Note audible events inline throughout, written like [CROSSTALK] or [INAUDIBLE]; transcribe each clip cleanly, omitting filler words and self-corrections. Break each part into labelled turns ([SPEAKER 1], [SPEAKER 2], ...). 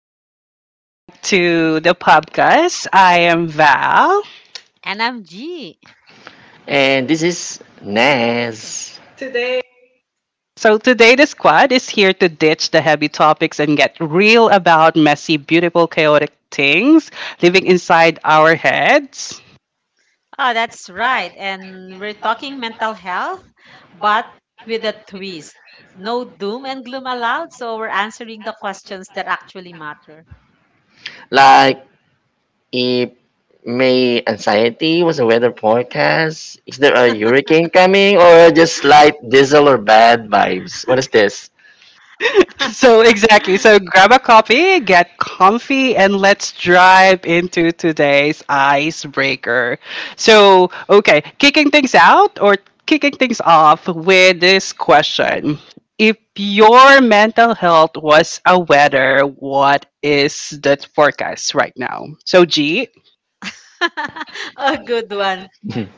[SPEAKER 1] welcome back to the podcast. I am Val.
[SPEAKER 2] And I'm G.
[SPEAKER 3] And this is Naz.
[SPEAKER 1] So, today the squad is here to ditch the heavy topics and get real about messy, beautiful, chaotic things living inside our heads.
[SPEAKER 2] Oh, that's right. And we're talking mental health, but with a twist. No doom and gloom allowed, so we're answering the questions that actually matter.
[SPEAKER 3] Like, if May anxiety was a weather forecast, is there a hurricane coming or just light diesel or bad vibes? What is this?
[SPEAKER 1] [LAUGHS] So
[SPEAKER 2] [LAUGHS]
[SPEAKER 1] exactly. So grab a coffee, get comfy, and let's drive into today's icebreaker. So okay, kicking things out or kicking things off with this question. If your mental health was a weather, what is the forecast right now? So G,
[SPEAKER 2] A good one.
[SPEAKER 3] [LAUGHS]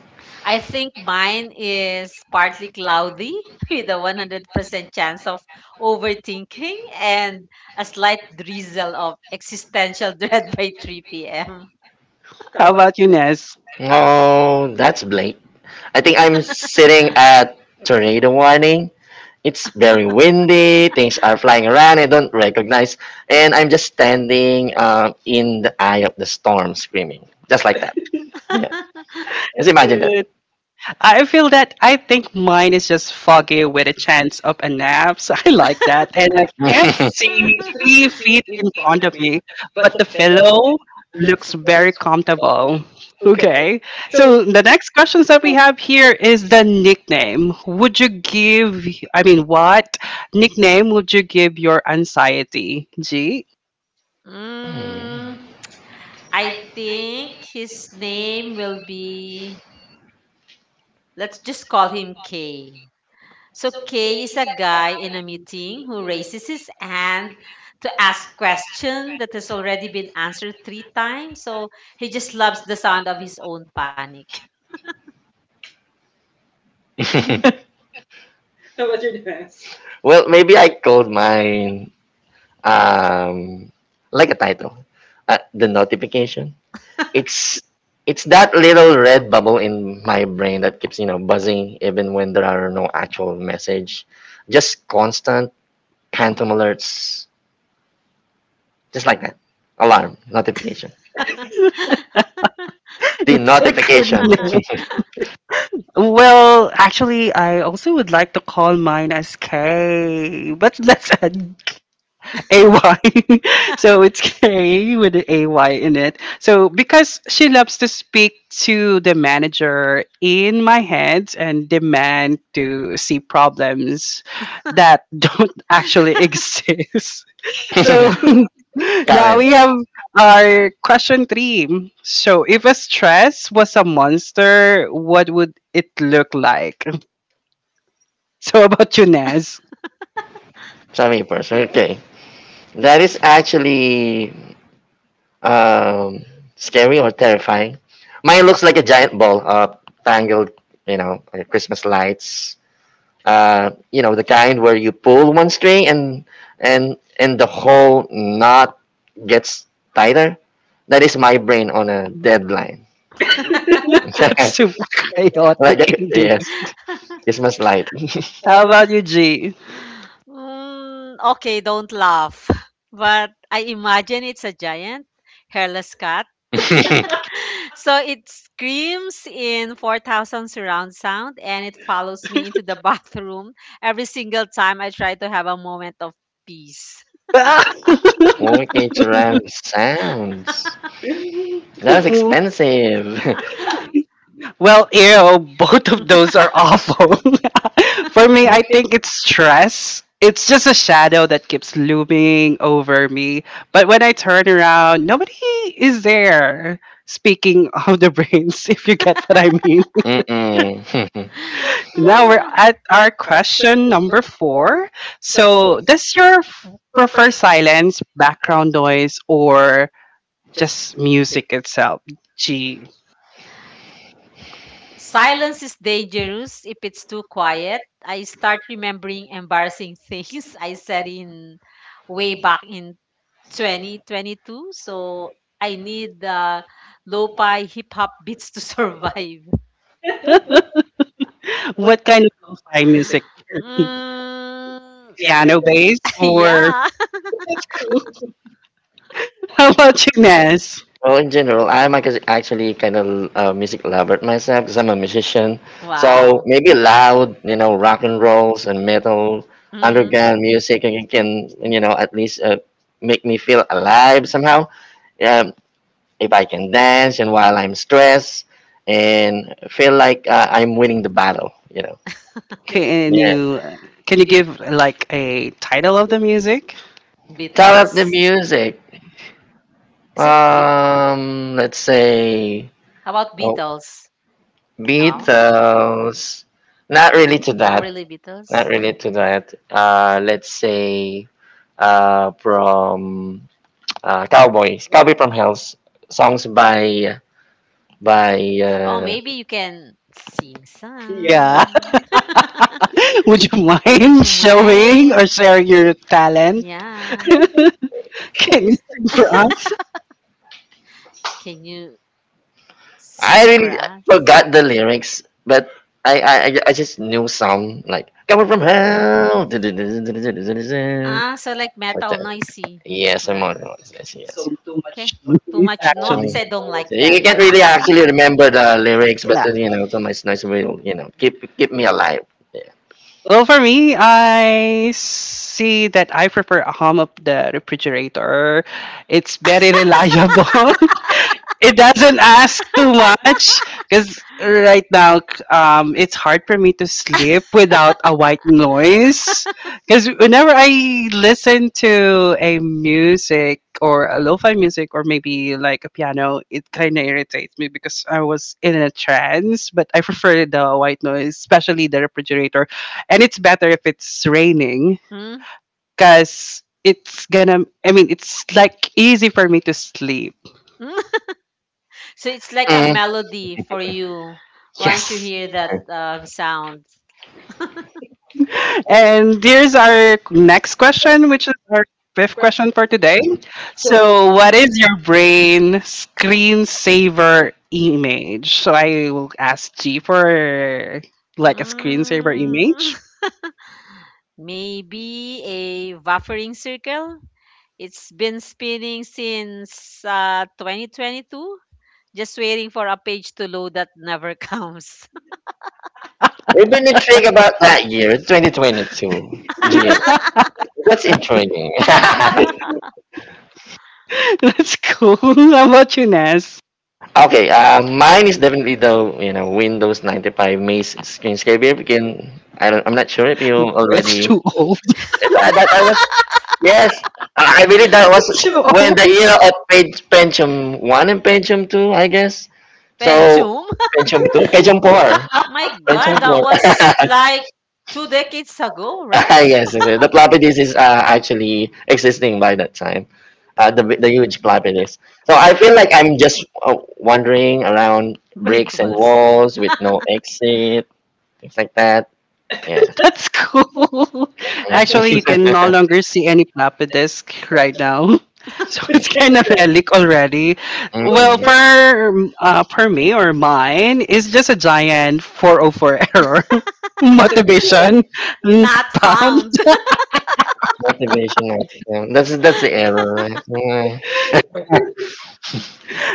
[SPEAKER 2] I think mine is partly cloudy [LAUGHS] with a 100% chance of overthinking and a slight drizzle of existential [LAUGHS] dread by 3 p.m.
[SPEAKER 1] how about you, Nez?
[SPEAKER 3] Oh, that's Blake. I think I'm
[SPEAKER 2] [LAUGHS]
[SPEAKER 3] sitting at tornado warning. It's very windy, things are flying around I don't recognize, and I'm just standing in the eye of the storm screaming, just like that. [LAUGHS] Yeah, just imagine that.
[SPEAKER 1] I feel that I think mine is just foggy with a chance of a nap. So I like that. And I can't see three
[SPEAKER 3] [LAUGHS]
[SPEAKER 1] feet in front of me, but the fellow looks very comfortable. Okay. So the next questions that we have here is the nickname. Would you give, I mean, what nickname would you give your anxiety? G?
[SPEAKER 2] Mm, I think his name will be, let's just call him K. So K is a guy in a meeting who raises his hand to ask question that has already been answered three times. So he just loves the sound of his own panic.
[SPEAKER 3] [LAUGHS] Well, maybe I called mine um like a title, the notification. It's it's that little red bubble in my brain that keeps buzzing even when there are no actual message, just constant phantom alerts, just like that. Alarm notification.
[SPEAKER 1] [LAUGHS]
[SPEAKER 3] The
[SPEAKER 1] That's a good
[SPEAKER 3] notification. [LAUGHS]
[SPEAKER 1] name.
[SPEAKER 3] So
[SPEAKER 2] [LAUGHS]
[SPEAKER 1] Well, actually, I also would like to call mine as K, but [LAUGHS] that's a AY. [LAUGHS] So it's K with the AY in it. So because she loves to speak to the manager in my head and demand to see problems that don't [LAUGHS] actually exist. [LAUGHS] So
[SPEAKER 3] [LAUGHS]
[SPEAKER 2] [LAUGHS]
[SPEAKER 1] [LAUGHS] now
[SPEAKER 3] Karen,
[SPEAKER 1] we have our question three. So if a stress was a monster, what would it look like? [LAUGHS] So how about you, Naz?
[SPEAKER 3] sabi first. Okay, that is actually Um, scary or terrifying? Mine looks like a giant ball of tangled, you know, like Christmas lights. You know, the kind where you pull one string and the whole knot gets tighter. That is my brain on a deadline.
[SPEAKER 1] [LAUGHS] That's so
[SPEAKER 3] [LAUGHS] Yes, like a,
[SPEAKER 1] chaotic indeed.
[SPEAKER 3] yes, Christmas light.
[SPEAKER 1] How about you, G?
[SPEAKER 2] Okay, don't laugh. [LAUGHS] But I imagine it's a giant hairless cat. [LAUGHS]
[SPEAKER 3] [LAUGHS]
[SPEAKER 2] So it screams in 4000 surround sound and it follows me into the [LAUGHS] bathroom every single time I try to have a moment of peace.
[SPEAKER 1] [LAUGHS] Well,
[SPEAKER 3] Mortgage around sounds. That's expensive.
[SPEAKER 1] ew, both of those are awful. [LAUGHS] For me, I think it's stress. It's just a shadow that keeps looming over me. But when I turn around, nobody is there. Speaking of the brains, [LAUGHS] if you get what I mean.
[SPEAKER 3] [LAUGHS] Mm-mm. [LAUGHS]
[SPEAKER 2] [LAUGHS]
[SPEAKER 1] Now we're
[SPEAKER 2] Ah.
[SPEAKER 1] at our question number four. So, does your prefer silence, background noise, or just music itself? Gee,
[SPEAKER 2] Silence is dangerous. If it's too quiet, I start remembering embarrassing things [LAUGHS] I said in way back in 2022. So I need the lo-fi hip hop [LAUGHS] beats to survive.
[SPEAKER 1] what kind of lo-fi
[SPEAKER 2] [LAUGHS]
[SPEAKER 1] music?
[SPEAKER 2] Mm,
[SPEAKER 1] Piano based
[SPEAKER 2] [LAUGHS]
[SPEAKER 1] or
[SPEAKER 2] yeah.
[SPEAKER 1] [LAUGHS] that's cool. How about you, Ness?
[SPEAKER 3] Well, in general, actually kind of a music lover myself because I'm a musician. So
[SPEAKER 2] Wow.
[SPEAKER 3] maybe loud, you know, rock and rolls and metal,
[SPEAKER 2] Mm,
[SPEAKER 3] underground music, and it can, you know, at least make me feel alive somehow. Um, if I can dance and while I'm stressed and feel like I'm winning the battle, you know.
[SPEAKER 1] Can
[SPEAKER 3] Yeah.
[SPEAKER 1] you give like a title of the music?
[SPEAKER 3] Top up
[SPEAKER 2] Beatles.
[SPEAKER 3] the music.
[SPEAKER 2] Is it?
[SPEAKER 3] Let's say.
[SPEAKER 2] How about
[SPEAKER 3] Oh,
[SPEAKER 2] Beatles? No,
[SPEAKER 3] Beatles. Not really to
[SPEAKER 2] not
[SPEAKER 3] that.
[SPEAKER 2] really Beatles.
[SPEAKER 3] Not really to that. Let's say from Cowboys. Cowboy from Hell's songs by
[SPEAKER 2] Oh,
[SPEAKER 3] uh,
[SPEAKER 2] maybe you can sing
[SPEAKER 1] Yeah. [LAUGHS]
[SPEAKER 2] some.
[SPEAKER 1] Would you
[SPEAKER 2] [LAUGHS] Would
[SPEAKER 1] mind
[SPEAKER 2] you
[SPEAKER 1] showing
[SPEAKER 2] mind?
[SPEAKER 1] or sharing your talent?
[SPEAKER 2] Yeah.
[SPEAKER 1] [LAUGHS] Can you sing for us?
[SPEAKER 2] Can you
[SPEAKER 3] I
[SPEAKER 2] sing for
[SPEAKER 3] really
[SPEAKER 2] us?
[SPEAKER 3] forgot the lyrics, but I just knew some like coming from hell, [LAUGHS] like
[SPEAKER 2] Ah, so like metal
[SPEAKER 3] that.
[SPEAKER 2] noisy.
[SPEAKER 3] Yes, I'm
[SPEAKER 2] Right.
[SPEAKER 3] on it. Yes, yes.
[SPEAKER 2] Okay. Too
[SPEAKER 1] Please,
[SPEAKER 2] much [LAUGHS] noise.
[SPEAKER 1] actually,
[SPEAKER 2] I don't like that.
[SPEAKER 3] You can't really
[SPEAKER 2] [LAUGHS]
[SPEAKER 3] actually remember the lyrics, but
[SPEAKER 1] yeah.
[SPEAKER 3] then, you know, Thomas Nice will keep me alive. Yeah.
[SPEAKER 1] Well, for me, I see that I prefer a hum of the refrigerator. It's very reliable, [LAUGHS] it doesn't ask too much because right now, it's hard for me to sleep without a white noise, because whenever I listen to a music or a lo-fi music or maybe like a piano, it kind of irritates me because I was in a trance, but I prefer the white noise, especially the refrigerator. And it's better if it's raining
[SPEAKER 2] Hmm.
[SPEAKER 1] because it's gonna, I mean, it's like easy for me to sleep.
[SPEAKER 2] Hmm? So it's like a
[SPEAKER 3] Mm.
[SPEAKER 2] melody for you once you
[SPEAKER 1] Yes.
[SPEAKER 2] hear that sound.
[SPEAKER 1] And here's our next question, which is our fifth question for today. So, what is your brain screensaver image? So, I will ask G for like a screensaver
[SPEAKER 2] Mm,
[SPEAKER 1] image.
[SPEAKER 2] [LAUGHS] maybe a buffering circle. It's been spinning since 2022, just waiting for a page to load that never comes.
[SPEAKER 3] We've been intrigued about that year, 2022.
[SPEAKER 2] [LAUGHS]
[SPEAKER 3] Gee, that's intriguing. [LAUGHS]
[SPEAKER 1] [LAUGHS] That's cool. How about you, Ness?
[SPEAKER 3] Okay, mine is definitely the you know Windows 95 Maze Screenscape. If you can, I don't, I'm not sure if you already.
[SPEAKER 1] That's too old.
[SPEAKER 3] That was yes, I believe that was
[SPEAKER 1] [LAUGHS] Too
[SPEAKER 3] when the
[SPEAKER 1] old.
[SPEAKER 3] era of page, Pentium One and Pentium Two, I guess. So
[SPEAKER 2] Pentium.
[SPEAKER 3] Pentium Two, Pentium Four,
[SPEAKER 2] [LAUGHS] My
[SPEAKER 3] Pentium
[SPEAKER 2] God, that
[SPEAKER 3] Four.
[SPEAKER 2] was
[SPEAKER 3] [LAUGHS]
[SPEAKER 2] like two decades ago, right?
[SPEAKER 3] Ah, yes, yes, yes. The floppy disk is actually existing by that time. Uh, the huge plot it is. So I feel like I'm just wandering around
[SPEAKER 2] Brick
[SPEAKER 3] bricks and
[SPEAKER 2] walls.
[SPEAKER 3] walls with no exit, things like that. Yeah.
[SPEAKER 1] [LAUGHS] That's cool. Actually, you can no
[SPEAKER 3] Mm. [LAUGHS]
[SPEAKER 1] longer see any plapidisk right now. [LAUGHS] So it's kind of relic already. Well,
[SPEAKER 3] Mm-mm.
[SPEAKER 1] for for me or mine, it's just a giant 404 error. [LAUGHS] Motivation,
[SPEAKER 2] [LAUGHS]
[SPEAKER 1] not
[SPEAKER 2] Not
[SPEAKER 1] pound.
[SPEAKER 2] found.
[SPEAKER 3] Motivation autism. That's the error, right? Yeah.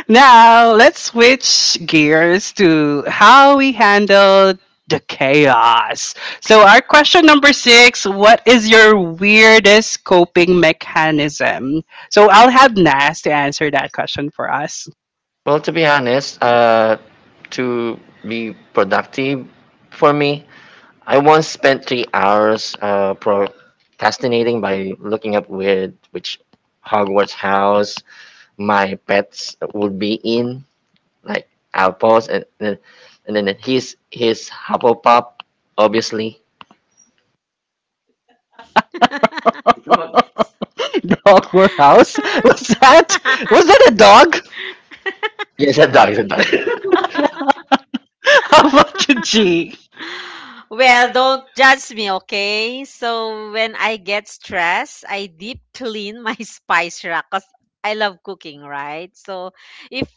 [SPEAKER 1] Now, let's switch gears to how we handle the chaos. So, our question number six. What is your weirdest coping mechanism? So, I'll have Nas to answer that question for us.
[SPEAKER 3] Well, to be honest, to be productive for me, I once spent 3 hours procrastinating by looking up where which Hogwarts house my pets would be in. Like our boss and then he's Hufflepuff obviously.
[SPEAKER 1] [LAUGHS] Dog warehouse? Was that, was
[SPEAKER 2] [LAUGHS]
[SPEAKER 1] that a dog?
[SPEAKER 3] Yes, a dog, it's a dog. [LAUGHS]
[SPEAKER 1] [LAUGHS] How about you, G?
[SPEAKER 2] Well, don't judge me, okay? So when I get stressed, I deep clean my [LAUGHS] spice rack because I love cooking, right? So if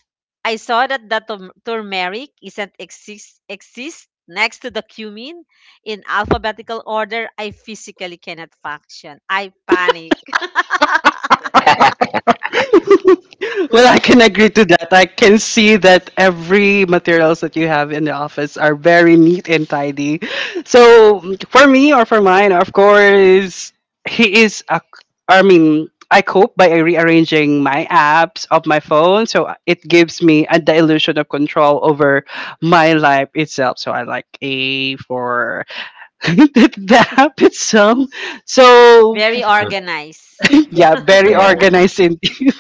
[SPEAKER 2] I saw that the turmeric isn't exist exist next to the cumin in alphabetical order, I physically cannot function. I panic. [LAUGHS]
[SPEAKER 1] Well, I can agree to that. I can see that every materials that you have in the office are very neat and tidy. So for me or for mine, of course, he is. A, I mean, I cope by rearranging my apps of my phone, so it gives me a, the illusion of control over my life itself. So I like a for [LAUGHS] the, the app itself. So
[SPEAKER 2] Very organized.
[SPEAKER 1] [LAUGHS] yeah, very
[SPEAKER 3] Yeah,
[SPEAKER 1] organized indeed.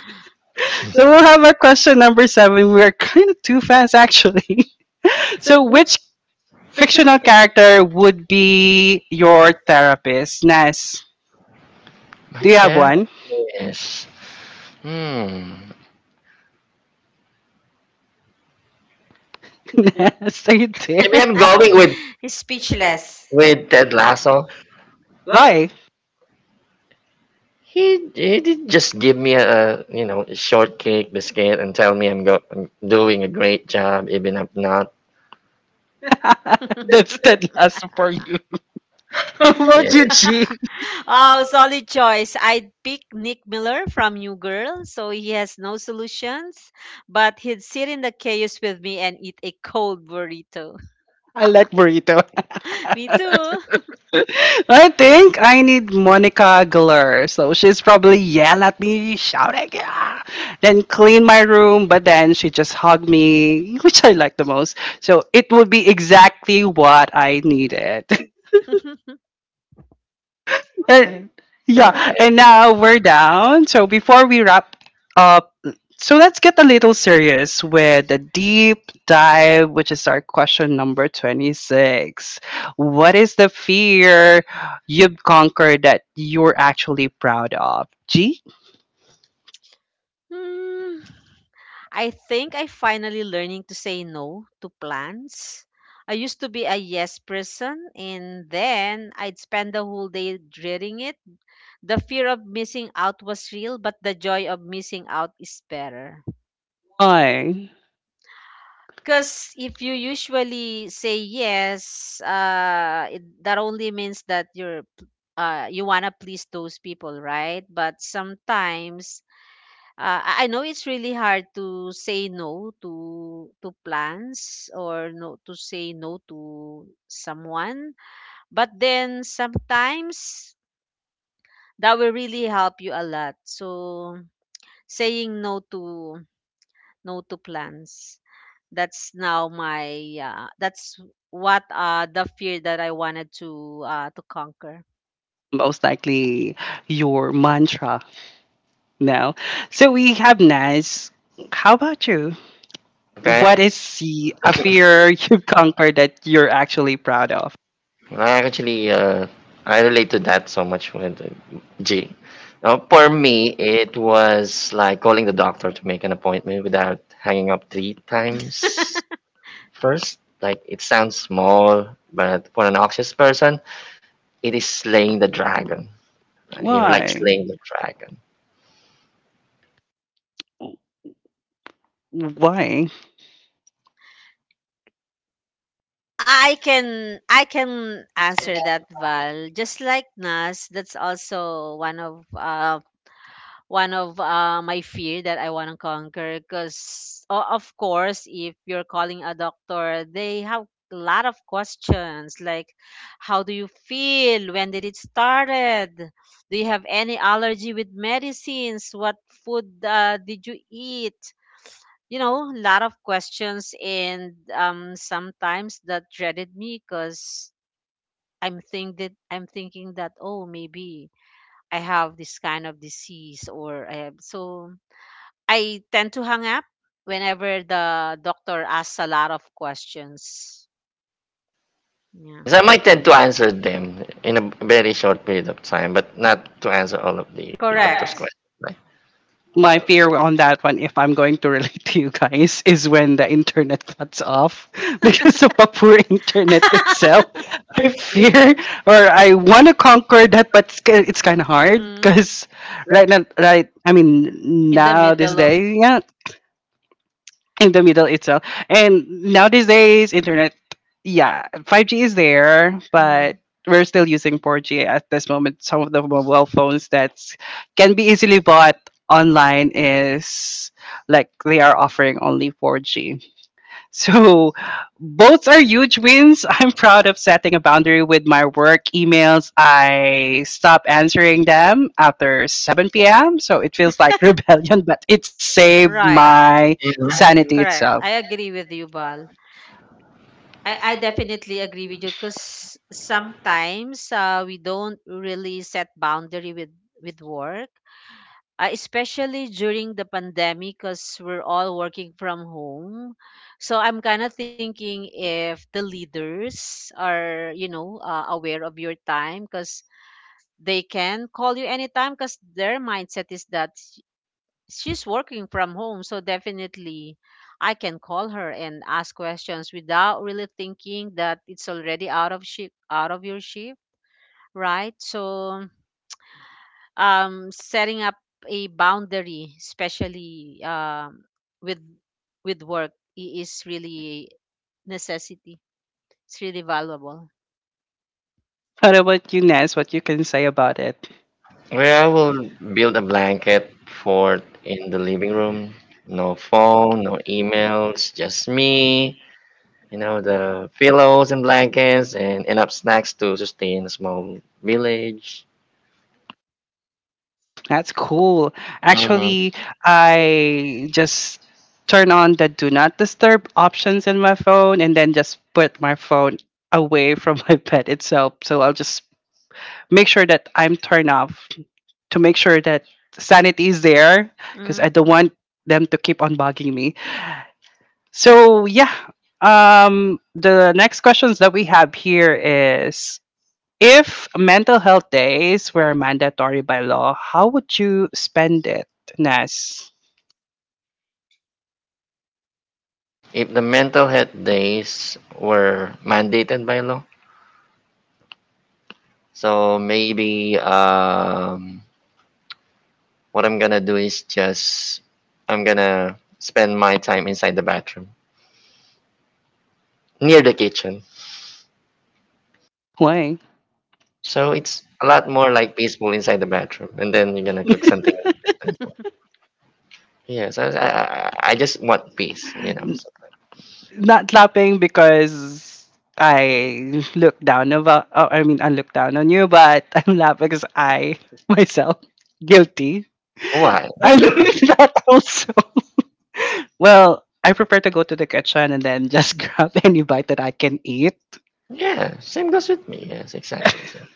[SPEAKER 1] So we'll have our question number seven. We're kind of too fast, actually. [LAUGHS] So, which fictional character would be your therapist? Nas,
[SPEAKER 3] my
[SPEAKER 1] do you have
[SPEAKER 3] chair.
[SPEAKER 1] one?
[SPEAKER 3] Yes. Hmm,
[SPEAKER 1] [LAUGHS] Nas, are you
[SPEAKER 3] maybe I'm
[SPEAKER 2] [LAUGHS]
[SPEAKER 3] going
[SPEAKER 1] there?
[SPEAKER 2] Speechless.
[SPEAKER 3] with Ted Lasso.
[SPEAKER 1] Why?
[SPEAKER 3] He did just give me, a you know, a shortcake biscuit and tell me I'm doing a great job even if not. [LAUGHS]
[SPEAKER 1] [LAUGHS] That's the last for you. [LAUGHS] How
[SPEAKER 3] Yes.
[SPEAKER 1] about you,
[SPEAKER 3] Yeah.
[SPEAKER 1] G?
[SPEAKER 2] Oh, solid choice. I'd pick Nick Miller from New Girl, so he has no solutions, but he'd sit in the chaos with me and eat a cold burrito.
[SPEAKER 1] I like burrito.
[SPEAKER 2] [LAUGHS] Me too.
[SPEAKER 1] I think I need Monica Geller. So she's probably yell at me, shouting, yeah, then clean my room. But then she just hugged me, which I like the most. So it would be exactly what I needed.
[SPEAKER 2] [LAUGHS]
[SPEAKER 1] [LAUGHS] And yeah. And now we're down. So before we wrap up, so let's get a little serious with the deep dive, which is our question number 26. What is the fear you've conquered that you're actually proud of? G?
[SPEAKER 2] Hmm, I think I finally learning to say no to plans. I used to be a yes person and then I'd spend the whole day dreading it. The fear of missing out was real, but the joy of missing out is better.
[SPEAKER 1] I
[SPEAKER 2] Because if you usually say yes, that only means that you wanna please those people, right? But sometimes uh, I know it's really hard to say no to plans or no to say no to someone. But then sometimes that will really help you a lot. So saying no to plans. That's now my that's what the fear that I wanted to conquer.
[SPEAKER 1] most likely your mantra now. So we have Naz. How about you? What
[SPEAKER 3] Okay,
[SPEAKER 1] is the a fear [LAUGHS] you've conquered that you're actually proud of?
[SPEAKER 3] I actually, I relate to that so much with G. Now, for me, it was like calling the doctor to make an appointment without hanging up three times
[SPEAKER 2] [LAUGHS]
[SPEAKER 3] first. Like, it sounds small, but for an anxious person, it is slaying the dragon. You're like
[SPEAKER 1] Why?
[SPEAKER 3] slaying the dragon.
[SPEAKER 1] Why?
[SPEAKER 2] I can answer that, Val. Just like Nas, that's also one of my fear that I want to conquer, because of course if you're calling a doctor they have a lot of questions like how do you feel, when did it started, do you have any allergy with medicines, what food did you eat, you know, a lot of questions. And sometimes that dreaded me because I'm thinking that, oh, maybe I have this kind of disease or I have. So I tend to hang up whenever the doctor asks a lot of questions. Yeah.
[SPEAKER 3] So I might tend to answer them in a very short period of time, but not to answer all of the doctor's
[SPEAKER 2] Correct.
[SPEAKER 3] questions.
[SPEAKER 1] My fear on that one, if I'm going to relate to you guys, [LAUGHS] is when the internet cuts off [LAUGHS] because of a poor internet [LAUGHS] itself. I fear or I want to conquer that, but it's kind of hard
[SPEAKER 2] Mm.
[SPEAKER 1] because right now, right, I mean,
[SPEAKER 2] In the
[SPEAKER 1] now this
[SPEAKER 2] middle of.
[SPEAKER 1] day, yeah, in the middle itself. And nowadays, internet, yeah, 5G is there,
[SPEAKER 2] Mhm.
[SPEAKER 1] but we're still using 4G at this moment. Some of the mobile phones that can be easily bought online is like they are offering only 4G. So both are huge wins. [LAUGHS] I'm proud of setting a boundary with my work emails. I stop answering them after 7 p.m. So it feels like [LAUGHS] rebellion, but it saved
[SPEAKER 2] Right.
[SPEAKER 1] my
[SPEAKER 3] Right?
[SPEAKER 1] sanity
[SPEAKER 3] Mhm.
[SPEAKER 2] Correct.
[SPEAKER 1] itself.
[SPEAKER 2] I agree with you, Bal. I definitely agree with you because sometimes we don't really set boundary with work, especially during the pandemic because we're all working from home. So I'm kind of thinking if the leaders are, you know, aware of your time, because they can call you anytime because their mindset is that she's working from home. So definitely I can call her and ask questions without really thinking that it's already out of your shift, right? So setting up a boundary, especially with work, is really necessity. It's really valuable.
[SPEAKER 1] What about you, Ness? What you can say about it?
[SPEAKER 3] Well, I will build a blanket fort in the living room. No phone, no emails, just me. You know, the pillows and blankets and enough snacks to sustain a small village.
[SPEAKER 1] That's cool.
[SPEAKER 3] Mhm.
[SPEAKER 1] Actually, I just turn on the do not disturb options in my phone and then just put my phone away from [LAUGHS] my bed itself. So I'll just make sure that I'm turned off to make sure that sanity is there because
[SPEAKER 2] Mm.
[SPEAKER 1] I don't want them to keep on bugging me. So yeah. The next questions that we have here is, if mental health days were mandatory by law, how would you spend it, Nas?
[SPEAKER 3] If the mental health days were mandated by law, so maybe what I'm gonna do is just I'm gonna spend my time inside the bathroom near the kitchen.
[SPEAKER 1] Why?
[SPEAKER 3] So it's a lot more like peaceful inside the bathroom, and then you're gonna cook something in the kitchen. So, yes, I just want peace, you know.
[SPEAKER 1] N-
[SPEAKER 3] So,
[SPEAKER 1] not laughing because I look down about. Oh, I mean, I look down on you, but [LAUGHS] I'm laughing because I [LAUGHS] myself guilty.
[SPEAKER 3] why?
[SPEAKER 1] I'm doing [LAUGHS] that also. Well, I prefer to go to the kitchen and then just [LAUGHS] grab any bite that I can eat.
[SPEAKER 3] Yeah, same goes with me. Yes, exactly. So,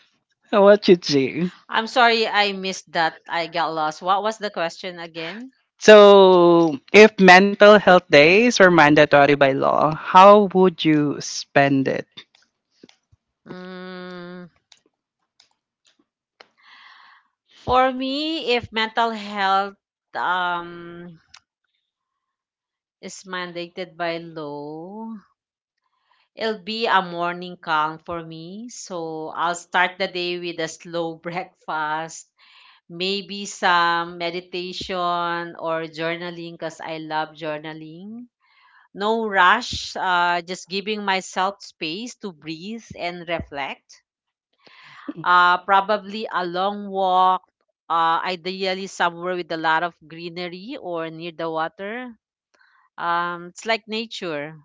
[SPEAKER 1] How about you, G?
[SPEAKER 2] I'm sorry, I missed that. I got lost. What was the question again?
[SPEAKER 1] So, if mental health days were mandatory by law, how would you spend it?
[SPEAKER 2] Mm, for me, if mental health um, is mandated by law, it'll be a morning calm for me. So I'll start the day with a slow [LAUGHS] breakfast, maybe some meditation or journaling, because I love journaling. No rush, just giving myself space to breathe and reflect. Probably a long walk, ideally somewhere with a lot of greenery or near the water. It's like nature.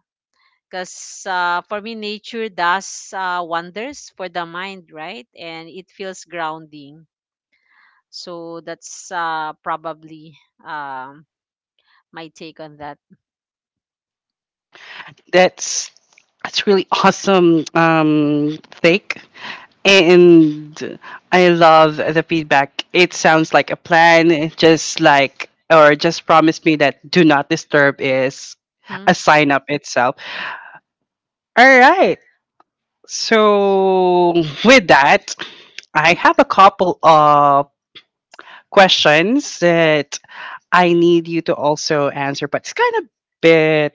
[SPEAKER 2] Because for me, nature does wonders for the mind, right? And it feels grounding. So that's probably um, my take on that.
[SPEAKER 1] That's that's really awesome take, and I love the feedback. It sounds like a plan, just like or just promise me that do not disturb is
[SPEAKER 2] Hmm?
[SPEAKER 1] a sign up itself. All right. So with that, I have a couple of questions that I need you to also answer, but it's kind of bit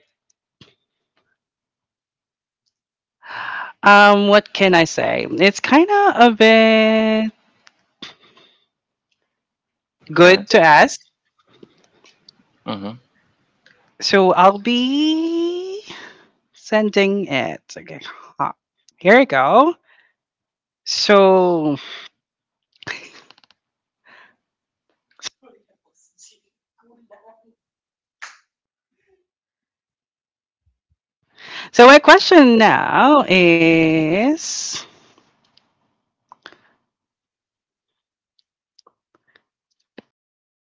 [SPEAKER 1] what can I say? It's kind of a bit
[SPEAKER 3] but
[SPEAKER 1] good to ask.
[SPEAKER 3] ask.
[SPEAKER 1] So I'll be sending it. Okay. Ah, here we go. So so my question now is stop [LAUGHS]